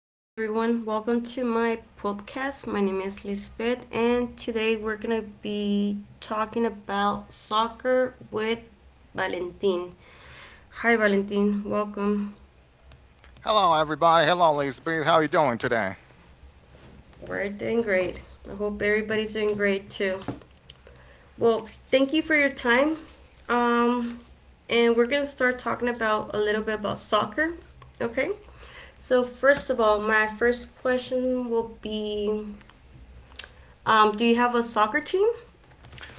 Hi, everyone. Welcome to my podcast. My name is Lisbeth, and today we're going to be talking about soccer with Valentin. Hi, Valentin. Welcome. Hello, everybody. Hello, Elizabeth. How are you doing today? We're doing great. I hope everybody's doing great too. Well, thank you for your time. Um, and we're going to start talking about a little bit about soccer. Okay. So, first of all, my first question will be do you have a soccer team?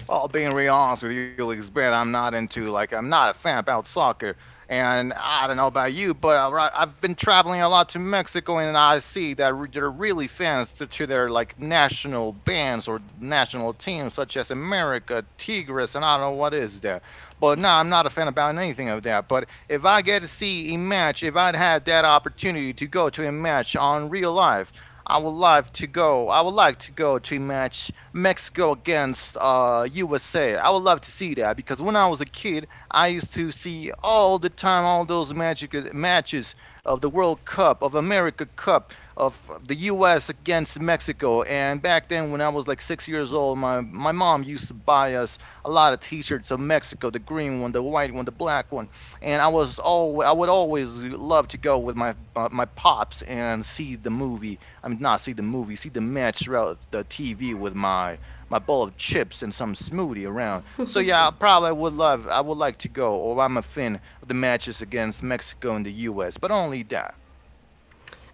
Well, being real honest with you, Lisbeth, I'm not into like I'm not a fan about soccer, and I don't know about you, but right, I've been traveling a lot to Mexico, and I see that they're really fans to their like national bands or national teams, such as America, Tigres, and I don't know what is there. But no, I'm not a fan about anything of that. But if I get to see a match, if I'd had that opportunity to go to a match on real life. I would like to go. I would like to go to a match Mexico against USA. I would love to see that because when I was a kid, I used to see all the time all those magic matches of the World Cup, of America Cup, of the US against Mexico. And back then, when I was like 6 years old, my mom used to buy us a lot of T-shirts of Mexico, the green one, the white one, the black one. And I was all I would always love to go with my my pops and see the movie I mean, not see the movie, see the match throughout the TV with my my bowl of chips and some smoothie around. So yeah, I probably would love, I would like to go, or I'm a fan of the matches against Mexico and the U.S., but only that.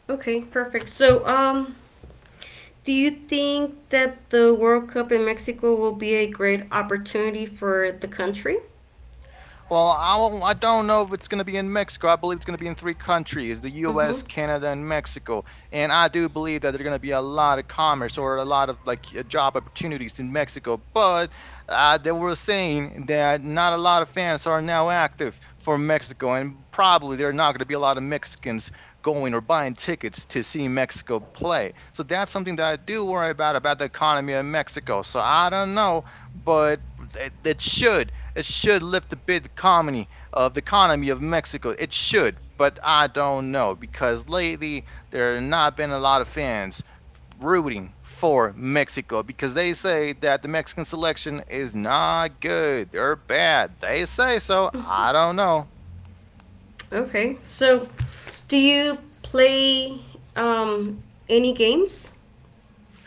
Okay, perfect. So, do you think that the World Cup in Mexico will be a great opportunity for the country? Well, I don't know if it's going to be in Mexico. I believe it's going to be in three countries the Mm-hmm. US, Canada, and Mexico. And I do believe that there's going to be a lot of commerce or a lot of like job opportunities in Mexico. But they were saying that not a lot of fans are now active for Mexico. And probably there are not going to be a lot of Mexicans going or buying tickets to see Mexico play. So that's something that I do worry about the economy of Mexico. So I don't know, but it should it should lift a bit the comedy of the economy of Mexico. It should, but I don't know because lately there have not been a lot of fans rooting for Mexico because they say that the Mexican selection is not good. They're bad. They say so. I don't know. Okay. So, do you play any games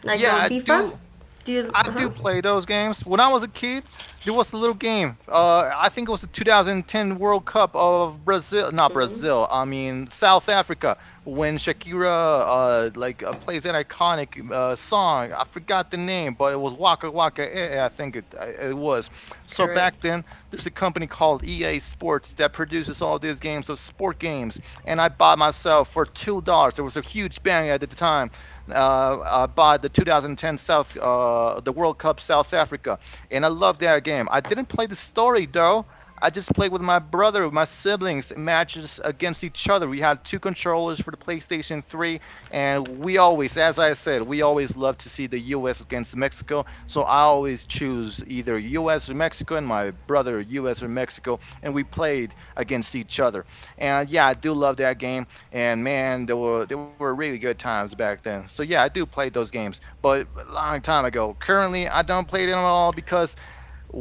like Yeah, on I FIFA? do. Do you? I Uh do huh. play those games. When I was a kid, there was a little game. I think it was the 2010 World Cup of Brazil, not Mm, Brazil. I mean South Africa, when Shakira like plays that iconic song. I forgot the name, but it was Waka Waka. Eh, eh, I think it it was. So back correct. then, there's a company called EA Sports that produces all these games of sport games, and I bought myself for $2. There was a huge bang at the time by the 2010 South, the World Cup South Africa, and I loved that game. I didn't play the story though. I just played with my brother, with my siblings, matches against each other. We had two controllers for the PlayStation 3, and we always, as I said, we always love to see the U.S. against Mexico. So I always choose either U.S. or Mexico, and my brother U.S. or Mexico, and we played against each other. And yeah, I do love that game and man, there were really good times back then. So yeah, I do play those games, but a long time ago. Currently, I don't play them at all because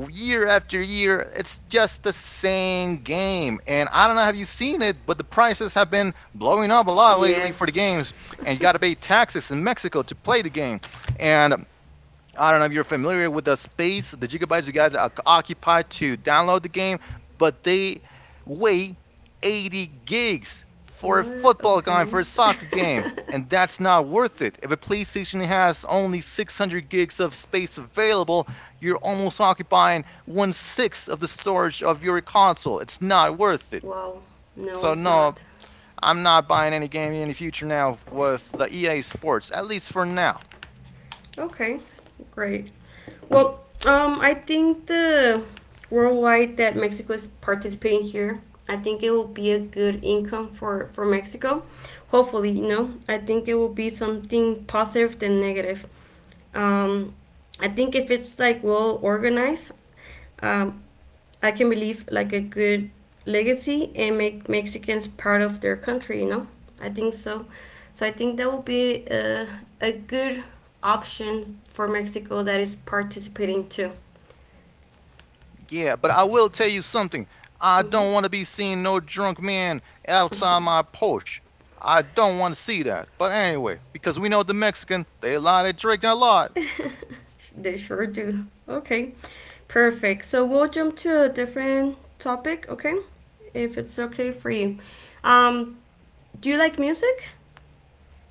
year after year, it's just the same game. And I don't know have you seen it, but the prices have been blowing up a lot lately for the games, Yes. and you got to pay taxes in Mexico to play the game. And I don't know if you're familiar with the space, the gigabytes you got occupied to download the game, but they weigh 80 gigs for a What? football game, Okay. for a soccer game, and that's not worth it. If a PlayStation has only 600 gigs of space available, you're almost occupying one sixth of the storage of your console. It's not worth it. Wow. No, So it's no, not. I'm not buying any game in the future now with the EA Sports, at least for now. Okay, great. Well, I think the worldwide that Mexico is participating here, I think it will be a good income for Mexico. Hopefully, you know, I think it will be something positive than negative. Um, I think if it's like well organized, um, I can believe like a good legacy and make Mexicans proud of their country. You know, I think so. So I think that would be a good option for Mexico that is participating too. Yeah, but I will tell you something. I Hmm. don't want to be seeing no drunk man outside my porch. I don't want to see that. But anyway, because we know the Mexican, they lie, they drink a lot. They sure do. Okay, perfect. So we'll jump to a different topic. Okay, if it's okay for you. Um, do you like music?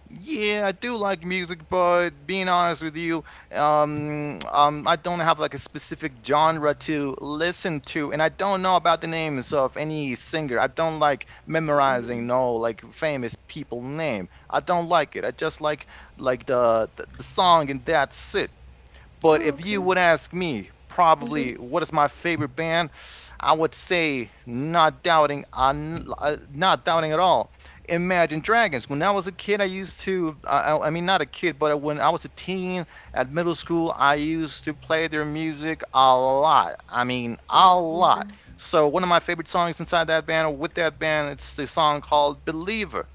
Yeah, I do like music, but being honest with you, I don't have like a specific genre to listen to, and I don't know about the names of any singer. I don't like Mm. memorizing no like famous people name. I don't like it. I just like the song, and that's it. But Oh, if okay. you would ask me, Mm-hmm. probably what is my favorite band, I would say not doubting, not doubting at all. Imagine Dragons. When I was a kid, I used to, not a kid, but when I was a teen at middle school, I used to play their music a lot. I mean, a Wow. Okay. lot. So one of my favorite songs inside that band, or with that band, it's the song called "Believer."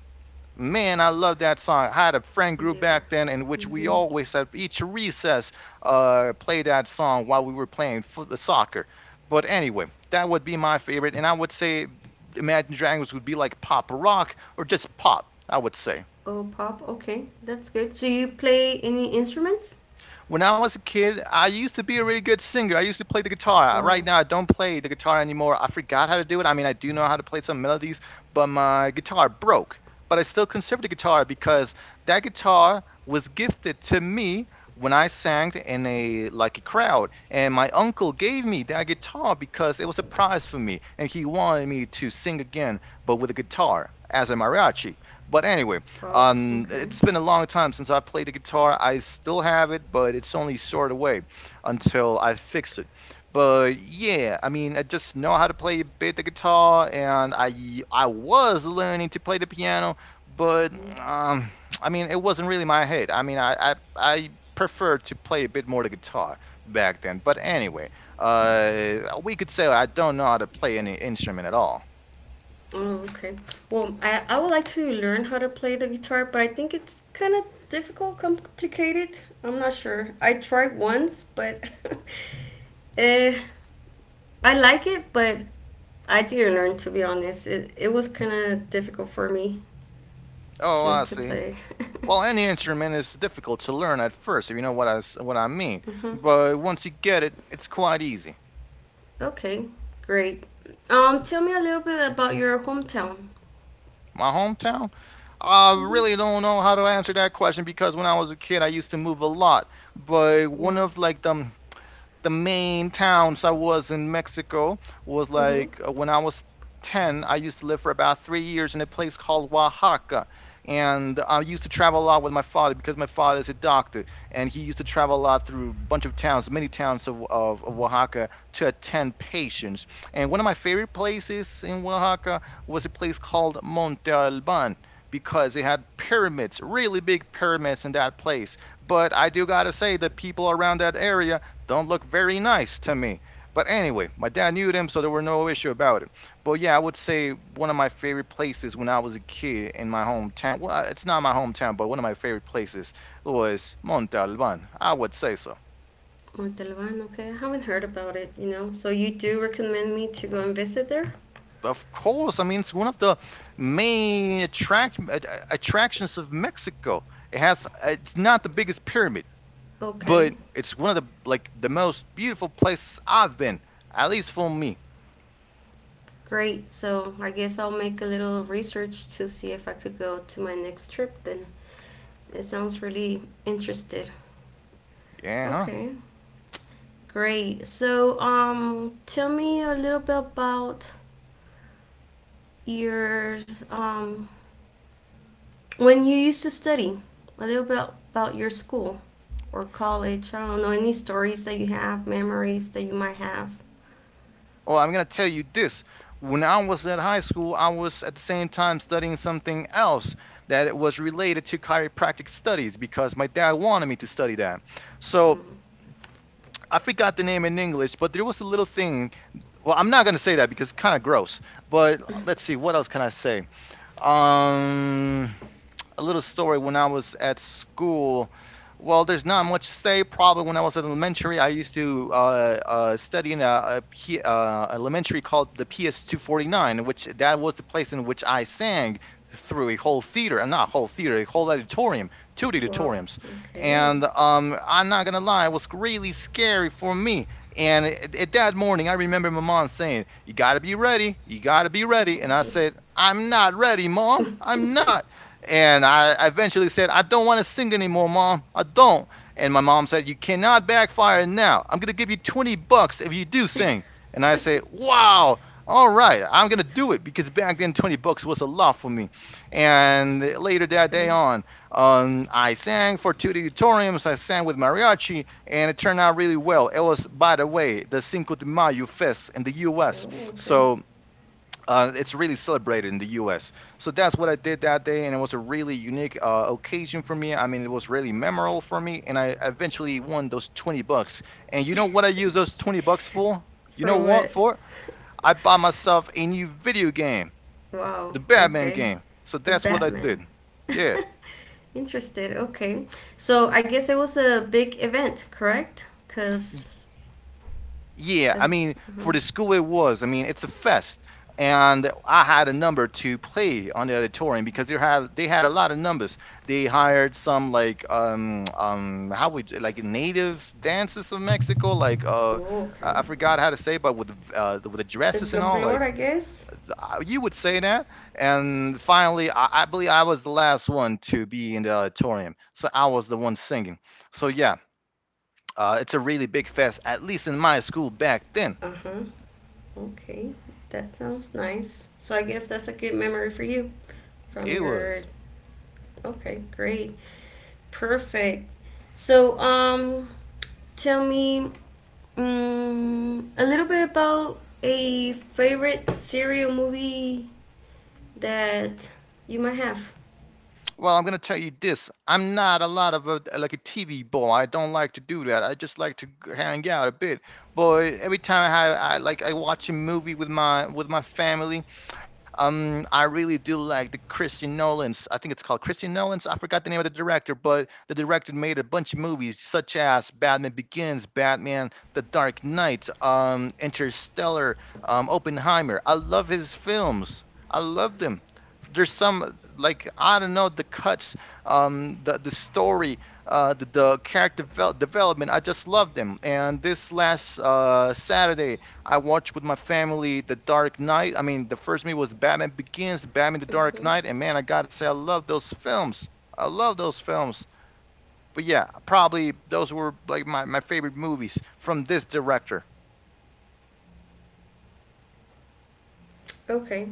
Man, I love that song. I had a friend group Believer. back then in which we Mm-hmm. always at each recess play that song while we were playing foot soccer. But anyway, that would be my favorite, and I would say Imagine Dragons would be like pop rock or just pop. I would say. Oh, pop. Okay, that's good. So you play any instruments? When I was a kid, I used to be a really good singer. I used to play the guitar. Right Wow. now, I don't play the guitar anymore. I forgot how to do it. I mean, I do know how to play some melodies, but my guitar broke. But I still conserve the guitar because that guitar was gifted to me when I sang in a like a crowd, and my uncle gave me that guitar because it was a prize for me, and he wanted me to sing again, but with a guitar as a mariachi. But anyway, Wow. Okay. it's been a long time since I played the guitar. I still have it, but it's only stored away until I fix it. But yeah, I mean, I just know how to play a bit the guitar, and I was learning to play the piano, but Mm. um, I mean, it wasn't really my head. I mean, I prefer to play a bit more the guitar back then. But anyway, we could say I don't know how to play any instrument at all. Oh, okay. Well, I would like to learn how to play the guitar, but I think it's kind of difficult, complicated. I'm not sure. I tried once, but eh, I like it, but I didn't learn to be honest. It was kind of difficult for me Oh, to, I to see. play. Well, any instrument is difficult to learn at first, if you know what what I mean. Hmm. But once you get it, it's quite easy. Okay, great. Tell me a little bit about your hometown. My hometown? I Hmm. really don't know how to answer that question because when I was a kid, I used to move a lot. But one Wow. of like the main towns I was in Mexico was Mm-hmm. like when I was 10, I used to live for about 3 years in a place called Oaxaca. And I used to travel a lot with my father because my father is a doctor. And he used to travel a lot through a bunch of towns, many towns of Oaxaca to attend patients. And one of my favorite places in Oaxaca was a place called Monte Alban because they had pyramids, really big pyramids in that place. But I do gotta say that people around that area don't look very nice to me. But anyway, my dad knew them, so there were no issue about it. But yeah, I would say one of my favorite places when I was a kid in my hometown. Well, it's not my hometown, but one of my favorite places was Monte Alban. I would say so. Montalban, okay. I haven't heard about it, you know. So you do recommend me to go and visit there? Of course, I mean it's one of the main attract attractions of Mexico. It has it's not the biggest pyramid, Okay. but it's one of the like the most beautiful places I've been, at least for me. Great. So I guess I'll make a little research to see if I could go to my next trip then. It sounds really interested. Yeah, huh? Okay. Great. So tell me a little bit about your when you used to study. A little bit about your school or college. I don't know any stories that you have, memories that you might have. Well, I'm going to tell you this. When I was at high school, I was at the same time studying something else that it was related to chiropractic studies because my dad wanted me to study that. So Mm. I forgot the name in English, but there was a little thing. Well, I'm not going to say that because it's kind of gross. But let's see, what else can I say? Um, a little story when I was at school. Well, there's not much to say. Probably when I was in elementary, I used to study in a elementary called the PS249, which that was the place in which I sang through a whole theater, and not whole theater, a whole auditorium, two Wow. auditoriums. Okay. And I'm not gonna lie, it was really scary for me. And that morning, I remember my mom saying, "You gotta be ready. You gotta be ready." And I said, "I'm not ready, mom. I'm not." And I eventually said, I don't want to sing anymore, mom. I don't. And my mom said, You cannot backfire now. I'm going to give you $20 if you do sing. And I say, Wow, all right, I'm going to do it because back then $20 was a lot for me. And later that day Okay. on, I sang for two auditoriums. I sang with mariachi, and it turned out really well. It was, by the way, the Cinco de Mayo fest in the U.S. Oh, okay. So it's really celebrated in the U.S. So that's what I did that day, and it was a really unique occasion for me. I mean, it was really memorable for me, and I eventually won those $20. And you know what I used those $20 for? You know For what what? for? I bought myself a new video game, Wow. the Batman Okay. game. So The that's what I did. Batman. Yeah. Interested. Okay. So I guess it was a big event, correct? Cause Yeah, I as. mean, Uh huh. for the school it was. I mean, it's a fest, and I had a number to play on the auditorium because they had a lot of numbers. They hired some like how would like native dances of Mexico, like uh Oh, okay. I I forgot how to say, but with the with the The dresses and all, folklore, like I guess. You would say that. And finally, I believe I was the last one to be in the auditorium, so I was the one singing. Wow. So So yeah, you closed the event? It's a really big fest, at least in my school back then. Uh huh. Okay. That sounds nice. So I guess that's a good memory for you from It your. was. Okay, great. Perfect. So, tell me, um, a little bit about a favorite serial movie that you might have. Well, I'm gonna tell you this. I'm not a lot of a, like a TV boy. I don't like to do that. I just like to hang out a bit. But every time I like I watch a movie with my family, I really do like the Christian Nolan's. I think it's called Christian Nolan's. I forgot the name of the director, but the director made a bunch of movies such as Batman Begins, Batman: The Dark Knight, Interstellar, Oppenheimer. I love his films. I love them. There's some like I don't know the cuts, the story, the, character development. I just love them. And this last Saturday, I watched with my family The Dark Knight. I mean, the first movie was Batman Begins, Batman The Dark Hmm. Knight, and man, I gotta say, I love those films. I love those films. But yeah, probably those were like my favorite movies from this director. Okay.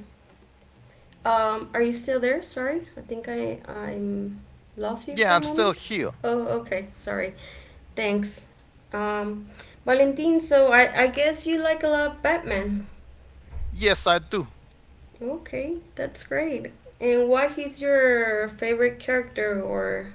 Are you still there? Sorry, I think I'm lost you for Yeah, a I'm still moment. here. Oh, okay. Sorry. Thanks. Um, Valentin. So I guess you like a lot of Batman. Yes, I do. Okay, that's great. And why he's your favorite character or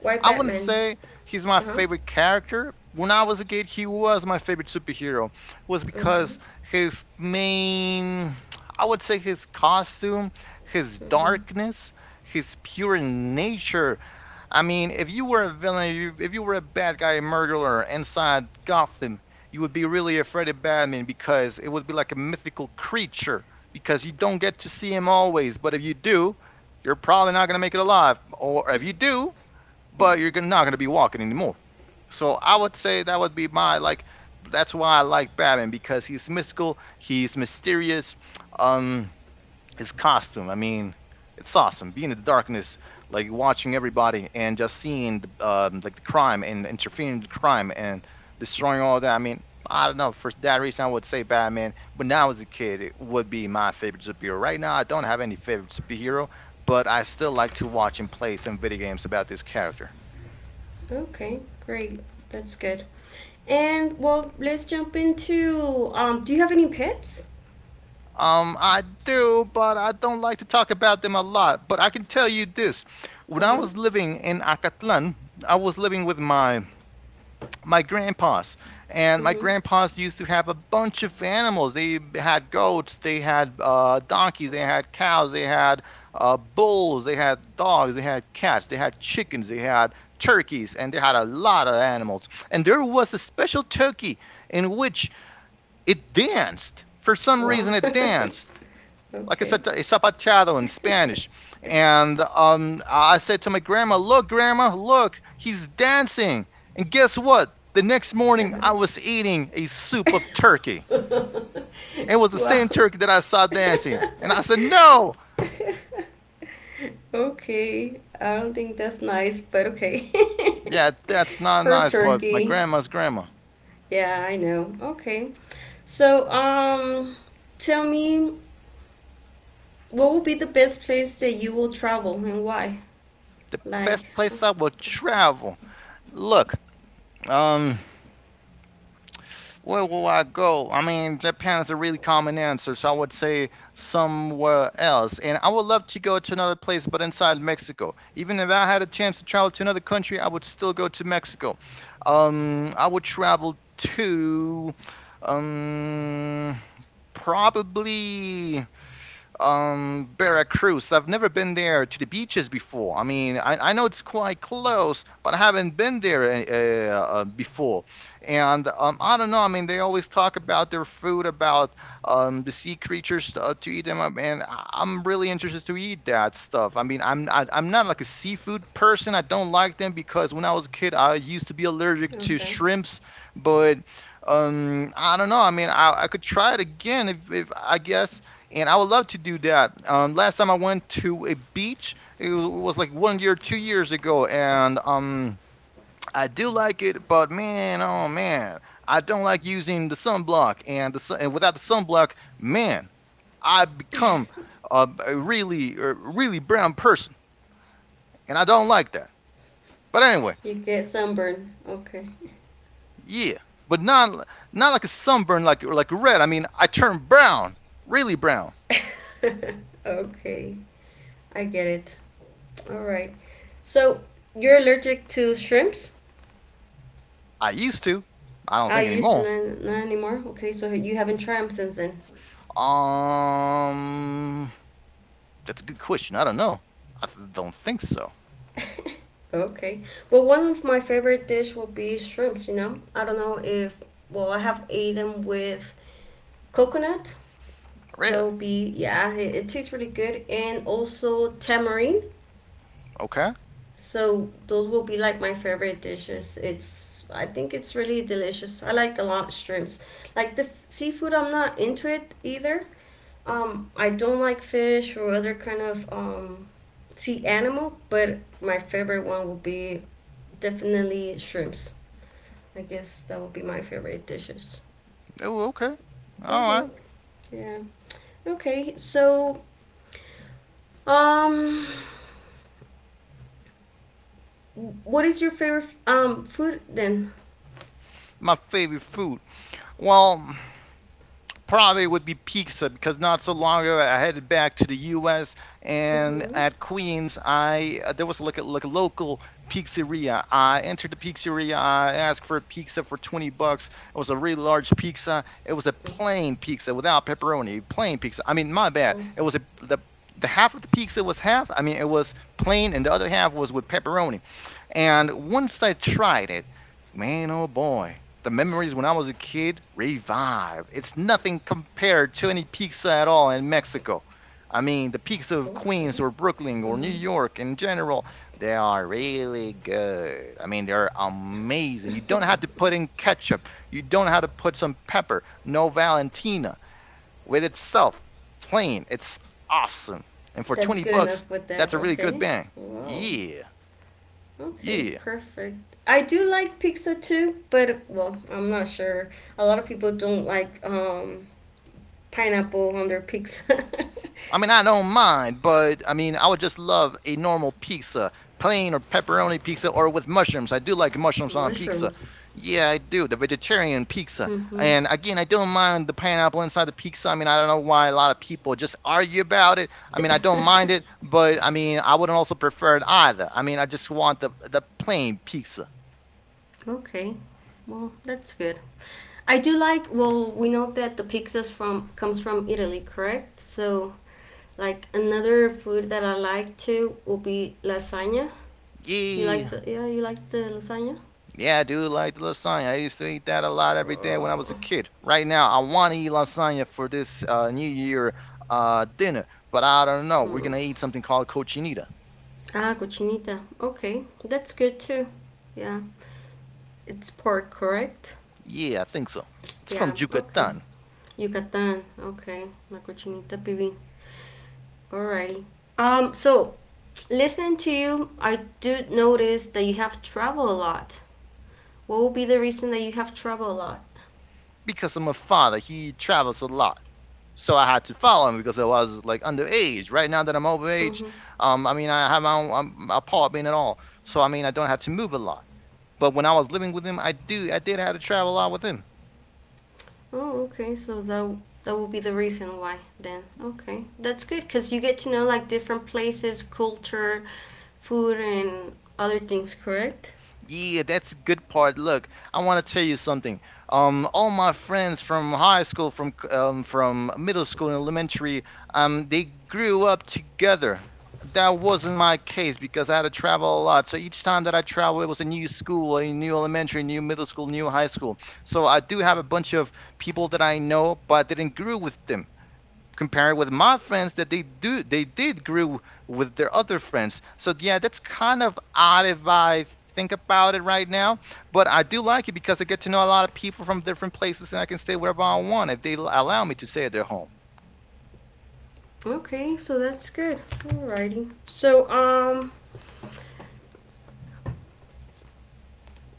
why I wouldn't Batman? say he's my Uh huh. favorite character. When I was a kid, he was my favorite superhero. Was Okay. because his main, I would say his costume, his Mm-hmm. darkness, his pure nature. I mean, if you were a villain, if you were a bad guy, a murderer inside Gotham, you would be really afraid of Batman because it would be like a mythical creature because you don't get to see him always. But if you do, you're probably not going to make it alive. Or if you do, but you're not going to be walking anymore. So I would say that would be my like. That's why I like Batman because he's mystical, he's mysterious. Um, his costume, I mean, it's awesome. Being in the darkness, like watching everybody and just seeing the, like the crime and interfering with the crime and destroying all that. I mean, I don't know. For that reason, I would say Batman. When I was a kid, it would be my favorite superhero. Right now, I don't have any favorite superhero, but I still like to watch and play some video games about this character. Okay, great. That's good. And well, let's jump into do you have any pets? I do, but I don't like to talk about them a lot. But I can tell you this: when I Uh-huh. was living in Acatlan, I was living with my grandpas, and my Mm-hmm. grandpas used to have a bunch of animals. They had goats, they had donkeys, they had cows, they had bulls, they had dogs, they had cats, they had chickens, they had turkeys, and they had a lot of animals. And there was a special turkey in which it danced. For some Wow. reason, it danced like I okay. said, zapateado in Spanish. And I said to my grandma, look, he's dancing. And guess what? The next morning, I was eating a soup of turkey. It was the wow. same turkey that I saw dancing. And I said, No, okay. I don't think that's nice, but okay. yeah, that's not Per nice, but my turkey. grandma's grandma, Yeah, I know. Okay. So, tell me what will be the best place that you will travel and why? the Like, best uh, place I will travel. Look, um, Where will I go? I mean, Japan is a really common answer, so I would say somewhere else. And I would love to go to another place, but inside Mexico. Even if I had a chance to travel to another country, I would still go to Mexico. I would travel to um, probably Veracruz. I've never been there to the beaches before. I mean, I know it's quite close, but I haven't been there before. And I don't know. I mean, they always talk about their food, about the sea creatures to eat them, up, and I'm really interested to eat that stuff. I mean, I'm not like a seafood person. I don't like them because when I was a kid, I used to be allergic to okay, shrimps, but I don't know. I mean, I could try it again if I guess and I would love to do that. Last time I went to a beach, it was like one year, 2 years ago, and I do like it, but man, oh man, I don't like using the sunblock, and the sun, and without the sunblock, man, I become a really brown person, and I don't like that. But anyway, you get sunburn. Okay, yeah, but not not like a sunburn, like red. I mean, I turn brown, really brown. okay, I get it. All right. So you're allergic to shrimps? I used to. I don't I think used to anymore. not, not anymore. Okay, so you haven't tried them since then. Um, That's a good question. I don't know. I don't think so. Okay. Well, one of my favorite dish will be shrimps. You know, I don't know if well, I have eaten with coconut. That Really? will be yeah, it tastes really good, and also tamarind. Okay. So those will be like my favorite dishes. It's I think it's really delicious. I like a lot shrimps. Like the f- seafood, I'm not into it either. I don't like fish or other kind of sea animal, but my favorite one will be definitely shrimps. I guess that would be my favorite dishes. Oh, okay. All Mhm. right. Yeah. Okay. So, um, what is your favorite food then? My favorite food. Well, probably would be pizza because not so long ago I headed back to the U.S. and Mhm. at Queens I there was like like a local pizzeria. I entered the pizzeria. I asked for a pizza for $20. It was a really large pizza. It was a plain pizza without pepperoni. Plain pizza. I mean, my bad. Oh, It was a the half of the pizza was half. I mean, it was plain, and the other half was with pepperoni. And once I tried it, man, oh boy, the memories when I was a kid revive. It's nothing compared to any pizza at all in Mexico. I mean, the pizza of okay. Queens or Brooklyn or New Mhm. York in general, they are really good. I mean, they're amazing. You don't have to put in ketchup. You don't have to put some pepper. No Valentina with itself, plain. It's awesome. And for That's 20 good bucks, enough with that's that. a really good Okay. bang. Wow. Yeah, Okay. yeah. Perfect. I do like pizza too, but well, I'm not sure. A lot of people don't like pineapple on their pizza. I mean, I don't mind, but I mean, I would just love a normal pizza, plain or pepperoni pizza, or with mushrooms. I do like mushrooms on pizza. Mushrooms. Yeah, I do. The vegetarian pizza. Mm-hmm. And again, I don't mind the pineapple inside the pizza. I mean, I don't know why a lot of people just argue about it. I mean, I don't mind it, but I mean, I wouldn't also prefer it either. I mean, I just want the plain pizza. Okay. Well, that's good. I do like. Well, we know that the pizzas from comes from Italy, correct? So, like another food that I like too will be lasagna. Do you like Yeah. the? Yeah, you like the lasagna. Yeah, dude, like lasagna. I used to eat that a lot every day when I was a Oh. kid. Right now, I want to eat lasagna for this New Year dinner, but I don't know. We're Hmm. gonna eat something called cochinita. Ah, cochinita. Okay, that's good too. Yeah, it's pork, correct? Yeah, I think so. It's from Yeah. Okay. Yucatan. Yucatan. Okay, la cochinita pibil. Alrighty. So, listening to you, I do notice that you have traveled a lot. What will be the reason that you have traveled a lot? Because I'm a father, he travels a lot, so I had to follow him because I was like underage. Right now that I'm overage, Mm-hmm. I mean I have my own apartment and all, so I mean I don't have to move a lot. But when I was living with him, I did have to travel a lot with him. Oh, okay. So that that will be the reason why then. Okay, that's good because you get to know like different places, culture, food, and other things. Correct? Yeah, that's a good part. Look, I want to tell you something. All my friends from high school, from middle school and elementary, they grew up together. That wasn't my case because I had to travel a lot. So each time that I travel, it was a new school, a new elementary, new middle school, new high school. So I do have a bunch of people that I know, but I didn't grow with them compared with my friends that they did grew with their other friends. So yeah, that's kind of odd if I think about it right now. But I do like it because I get to know a lot of people from different places and I can stay wherever I want if they allow me to stay at their home. Okay, so that's good. Alrighty. So,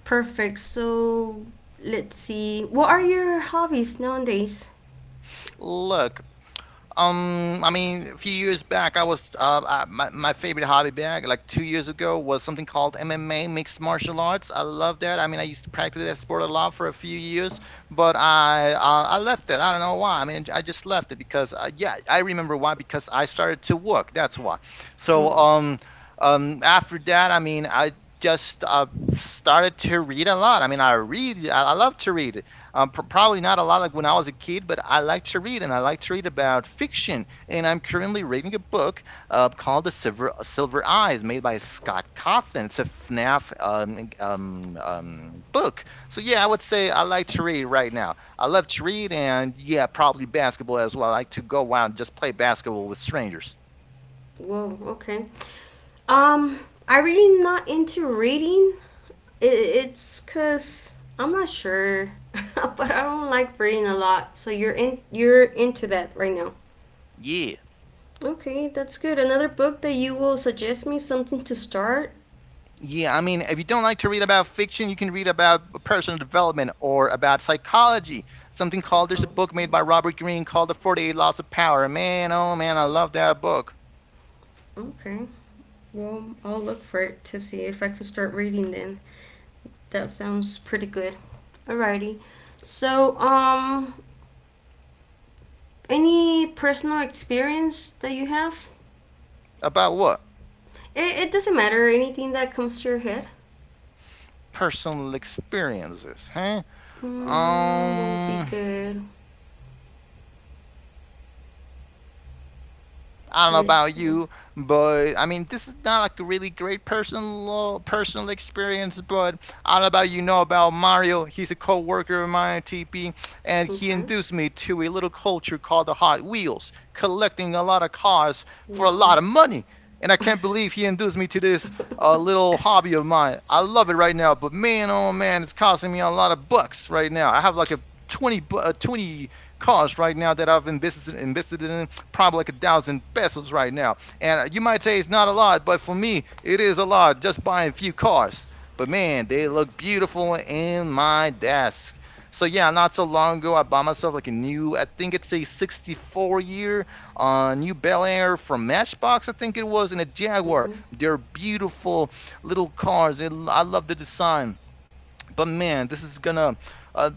perfect. So, let's see. What are your hobbies nowadays? Look, I mean, a few years back, I was I, my favorite hobby back like 2 years ago was something called MMA, mixed martial arts. I love that. I mean, I used to practice that sport a lot for a few years, but I left it. I don't know why. I mean, I just left it because yeah, I remember why, because I started to work. That's why. So Hmm. um um after that, I mean, I just started to read a lot. I mean, I read. I love to read, probably not a lot like when I was a kid, but I like to read and I like to read about fiction. And I'm currently reading a book called The Silver Eyes, made by Scott Cawthon. It's a FNAF book. So, yeah, I would say I like to read right now. I love to read, and yeah, probably basketball as well. I like to go out and just play basketball with strangers. Whoa. Okay. Um, I really not into reading. It, it's cause I'm not sure, but I don't like reading a lot. So you're in. You're into that right now. Yeah. Okay, that's good. Another book that you will suggest me something to start. Yeah, I mean, if you don't like to read about fiction, you can read about personal development or about psychology. Something called, there's a book made Psychology. by Robert Greene called The 48 Laws of Power. Man, oh man, I love that book. Okay. Well, I'll look for it to see if I can start reading then. That sounds pretty good. Alrighty. So, any personal experience that you have? About what? It doesn't matter. Anything that comes to your head Personal experiences, huh? mm, will be Um, good. I don't know about Let's see. you, but I mean, this is not like a really great personal experience. But I don't know about, you know about Mario. He's a co-worker of mine at TP, and he Okay. induced me to a little culture called the Hot Wheels, collecting a lot of cars for a lot Wow. of money. And I can't believe he induced me to this little hobby of mine. I love it right now, but man, oh man, it's costing me a lot of bucks right now. I have like a 20 cars right now that I've invested in probably like a thousand pesos right now. And you might say it's not a lot, but for me, it is a lot just buying a few cars. But man, they look beautiful in my desk. So yeah, not so long ago, I bought myself like a new, I think it's a 64 year new Bel Air from Matchbox, I think it was, and a Jaguar. Mm-hmm. They're beautiful little cars, and I love the design. But man, this is gonna uh,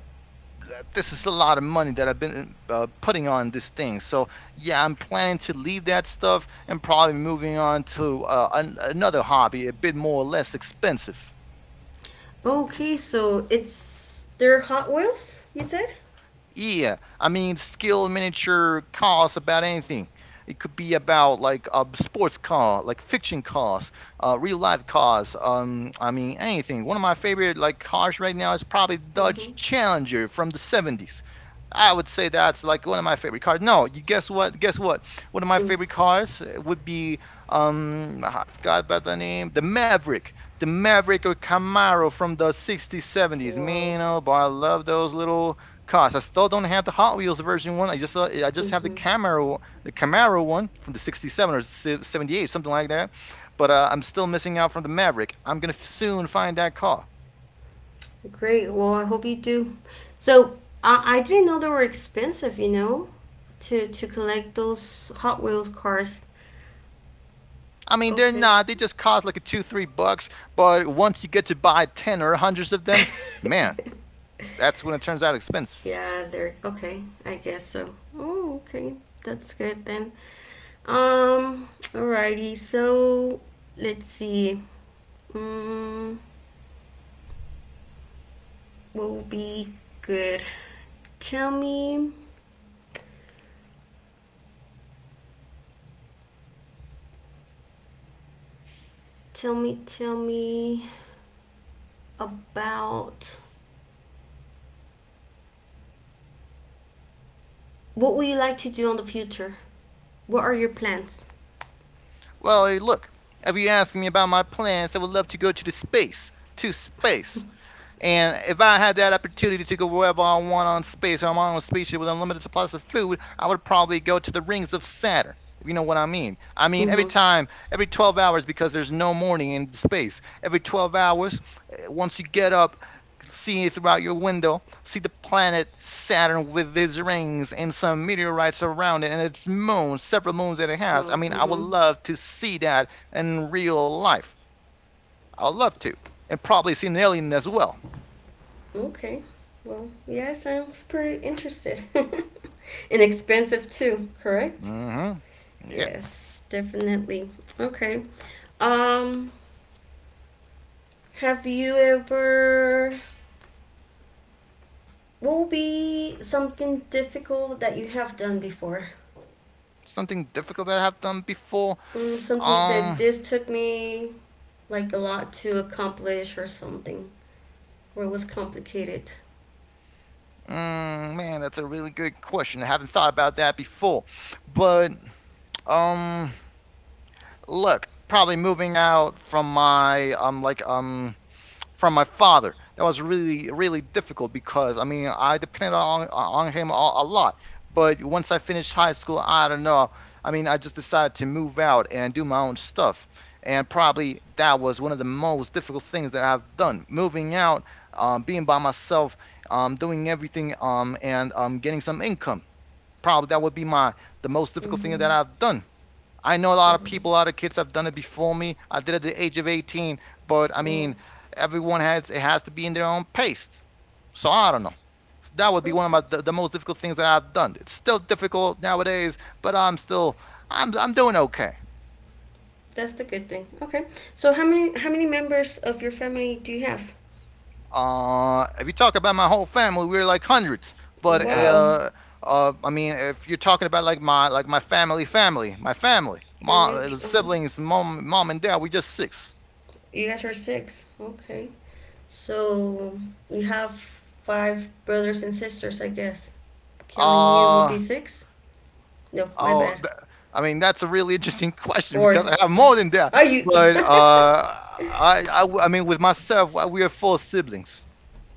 this is a lot of money that I've been putting on this thing. So yeah, I'm planning to leave that stuff and probably moving on to another hobby, a bit more or less expensive. Okay, so it's they're Hot Wheels. You said. Yeah, I mean, skill miniature cars about anything. It could be about like a sports car, like fiction cars, real life cars. I mean, anything. One of my favorite like cars right now is probably Mm-hmm. Dodge Challenger from the 70s. I would say that's like one of my favorite cars. No, you guess what? Guess what? One of my Mm. favorite cars would be I forgot about the name, the Maverick or Camaro from the 60s, 70s. Wow. Man, oh boy, I love those little cost. I still don't have the Hot Wheels version one. I just have the Mm-hmm. Camaro one from the '67 or '78, something like that. But I'm still missing out from the Maverick. I'm gonna soon find that car. Great. Well, I hope you do. So I didn't know they were expensive. You know, to collect those Hot Wheels cars. I mean, they're Okay. not. They just cost like a two, $3. But once you get to buy ten or hundreds of them, man, that's when it turns out expensive. yeah, they're okay. I guess so. Oh, okay. That's good then. Um. Alrighty. So let's see. Um. What will be good? Tell me. Tell me. Tell me about what would you like to do in the future. What are your plans? Well, hey, look. If you ask me about my plans, I would love to go to the space, to space. And if I had that opportunity to go wherever I want on space, I'm on a spaceship with unlimited supplies of food, I would probably go to the rings of Saturn. If you know what I mean. I mean, every Mm-hmm. time, every 12 hours, because there's no morning in space. Every 12 hours, once you get up, see it throughout your window, see the planet Saturn with its rings and some meteorites around it and its moons, several moons that it has. I Wow. mean, I would Mm-hmm. love to see that in real life. I'd love to. And probably see an alien as well. Okay. Well, yeah, sounds pretty interested. Inexpensive too, correct? Mhm. Yep. Yes, definitely. Okay. Um, have you ever? What will be something difficult that you have done before? Something difficult that I have done before. Mm, something you said Um, this took me like a lot to accomplish or something, or it was complicated. Man, that's a really good question. I haven't thought about that before. But um, look, probably moving out from my from my father. That was really really difficult because I mean I depended on him a lot. But once I finished high school, I don't know. I mean, I just decided to move out and do my own stuff. And probably that was one of the most difficult things that I've done. Moving out, being by myself, doing everything, and getting some income. Probably that would be my the most difficult thing that Mm-hmm. I've done. I know a lot For of people, a lot of kids have done it before me. I did it at the age of 18, but I well, mean, everyone has to be in their own pace. So I don't know. That would be one of okay. The most difficult things that I've done. It's still difficult nowadays, but I'm still I'm doing okay. That's the good thing. Okay. So how many members of your family do you have? If you talk about my whole family, we're like hundreds. But Wow, I mean, if you're talking about like my my family, you're new. mom, Uh huh. siblings, mom and dad, we just six. You guys are six. Okay. So you have five brothers and sisters, I guess. Counting you will be Uh, six. No, my Oh, bad. th- I mean that's a really interesting question because Four. I have more than that. Oh, you. But I mean with myself, we are four siblings.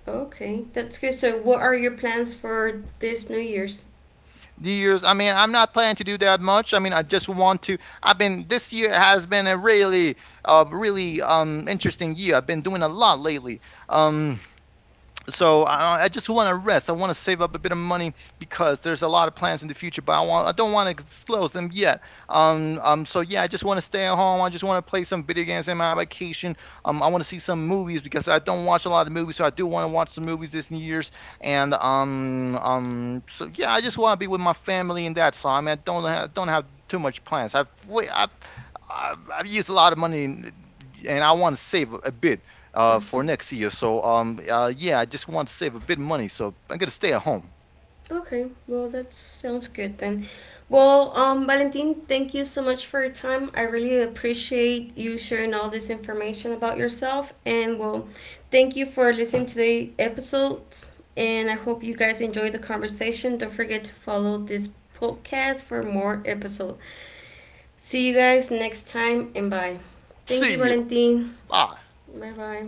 Okay, that's good. So what are your plans for this New Year's? New Year's, I mean, I'm not planning to do that much. I mean, I just want to. I've been This year has been a really, really interesting year. I've been doing a lot lately. Um, so I just want to rest. I want to save up a bit of money because there's a lot of plans in the future, but I don't want to disclose them yet. So yeah, I just want to stay at home. I just want to play some video games in my vacation. I want to see some movies because I don't watch a lot of movies, so I do want to watch some movies this New Year's. And So yeah, I just want to be with my family and that. So I mean, I don't have too much plans. I've wa- I've used a lot of money. And I want to save a bit for next year. So yeah, I just want to save a bit of money, so I'm gonna stay at home. Okay, well, that sounds good then. Well, Valentin, thank you so much for your time. I really appreciate you sharing all this information about yourself. And well, thank you for listening to the episodes. And I hope you guys enjoyed the conversation. Don't forget to follow this podcast for more episodes. See you guys next time and bye. Thank you, See you. Valentin. Bye. Bye bye.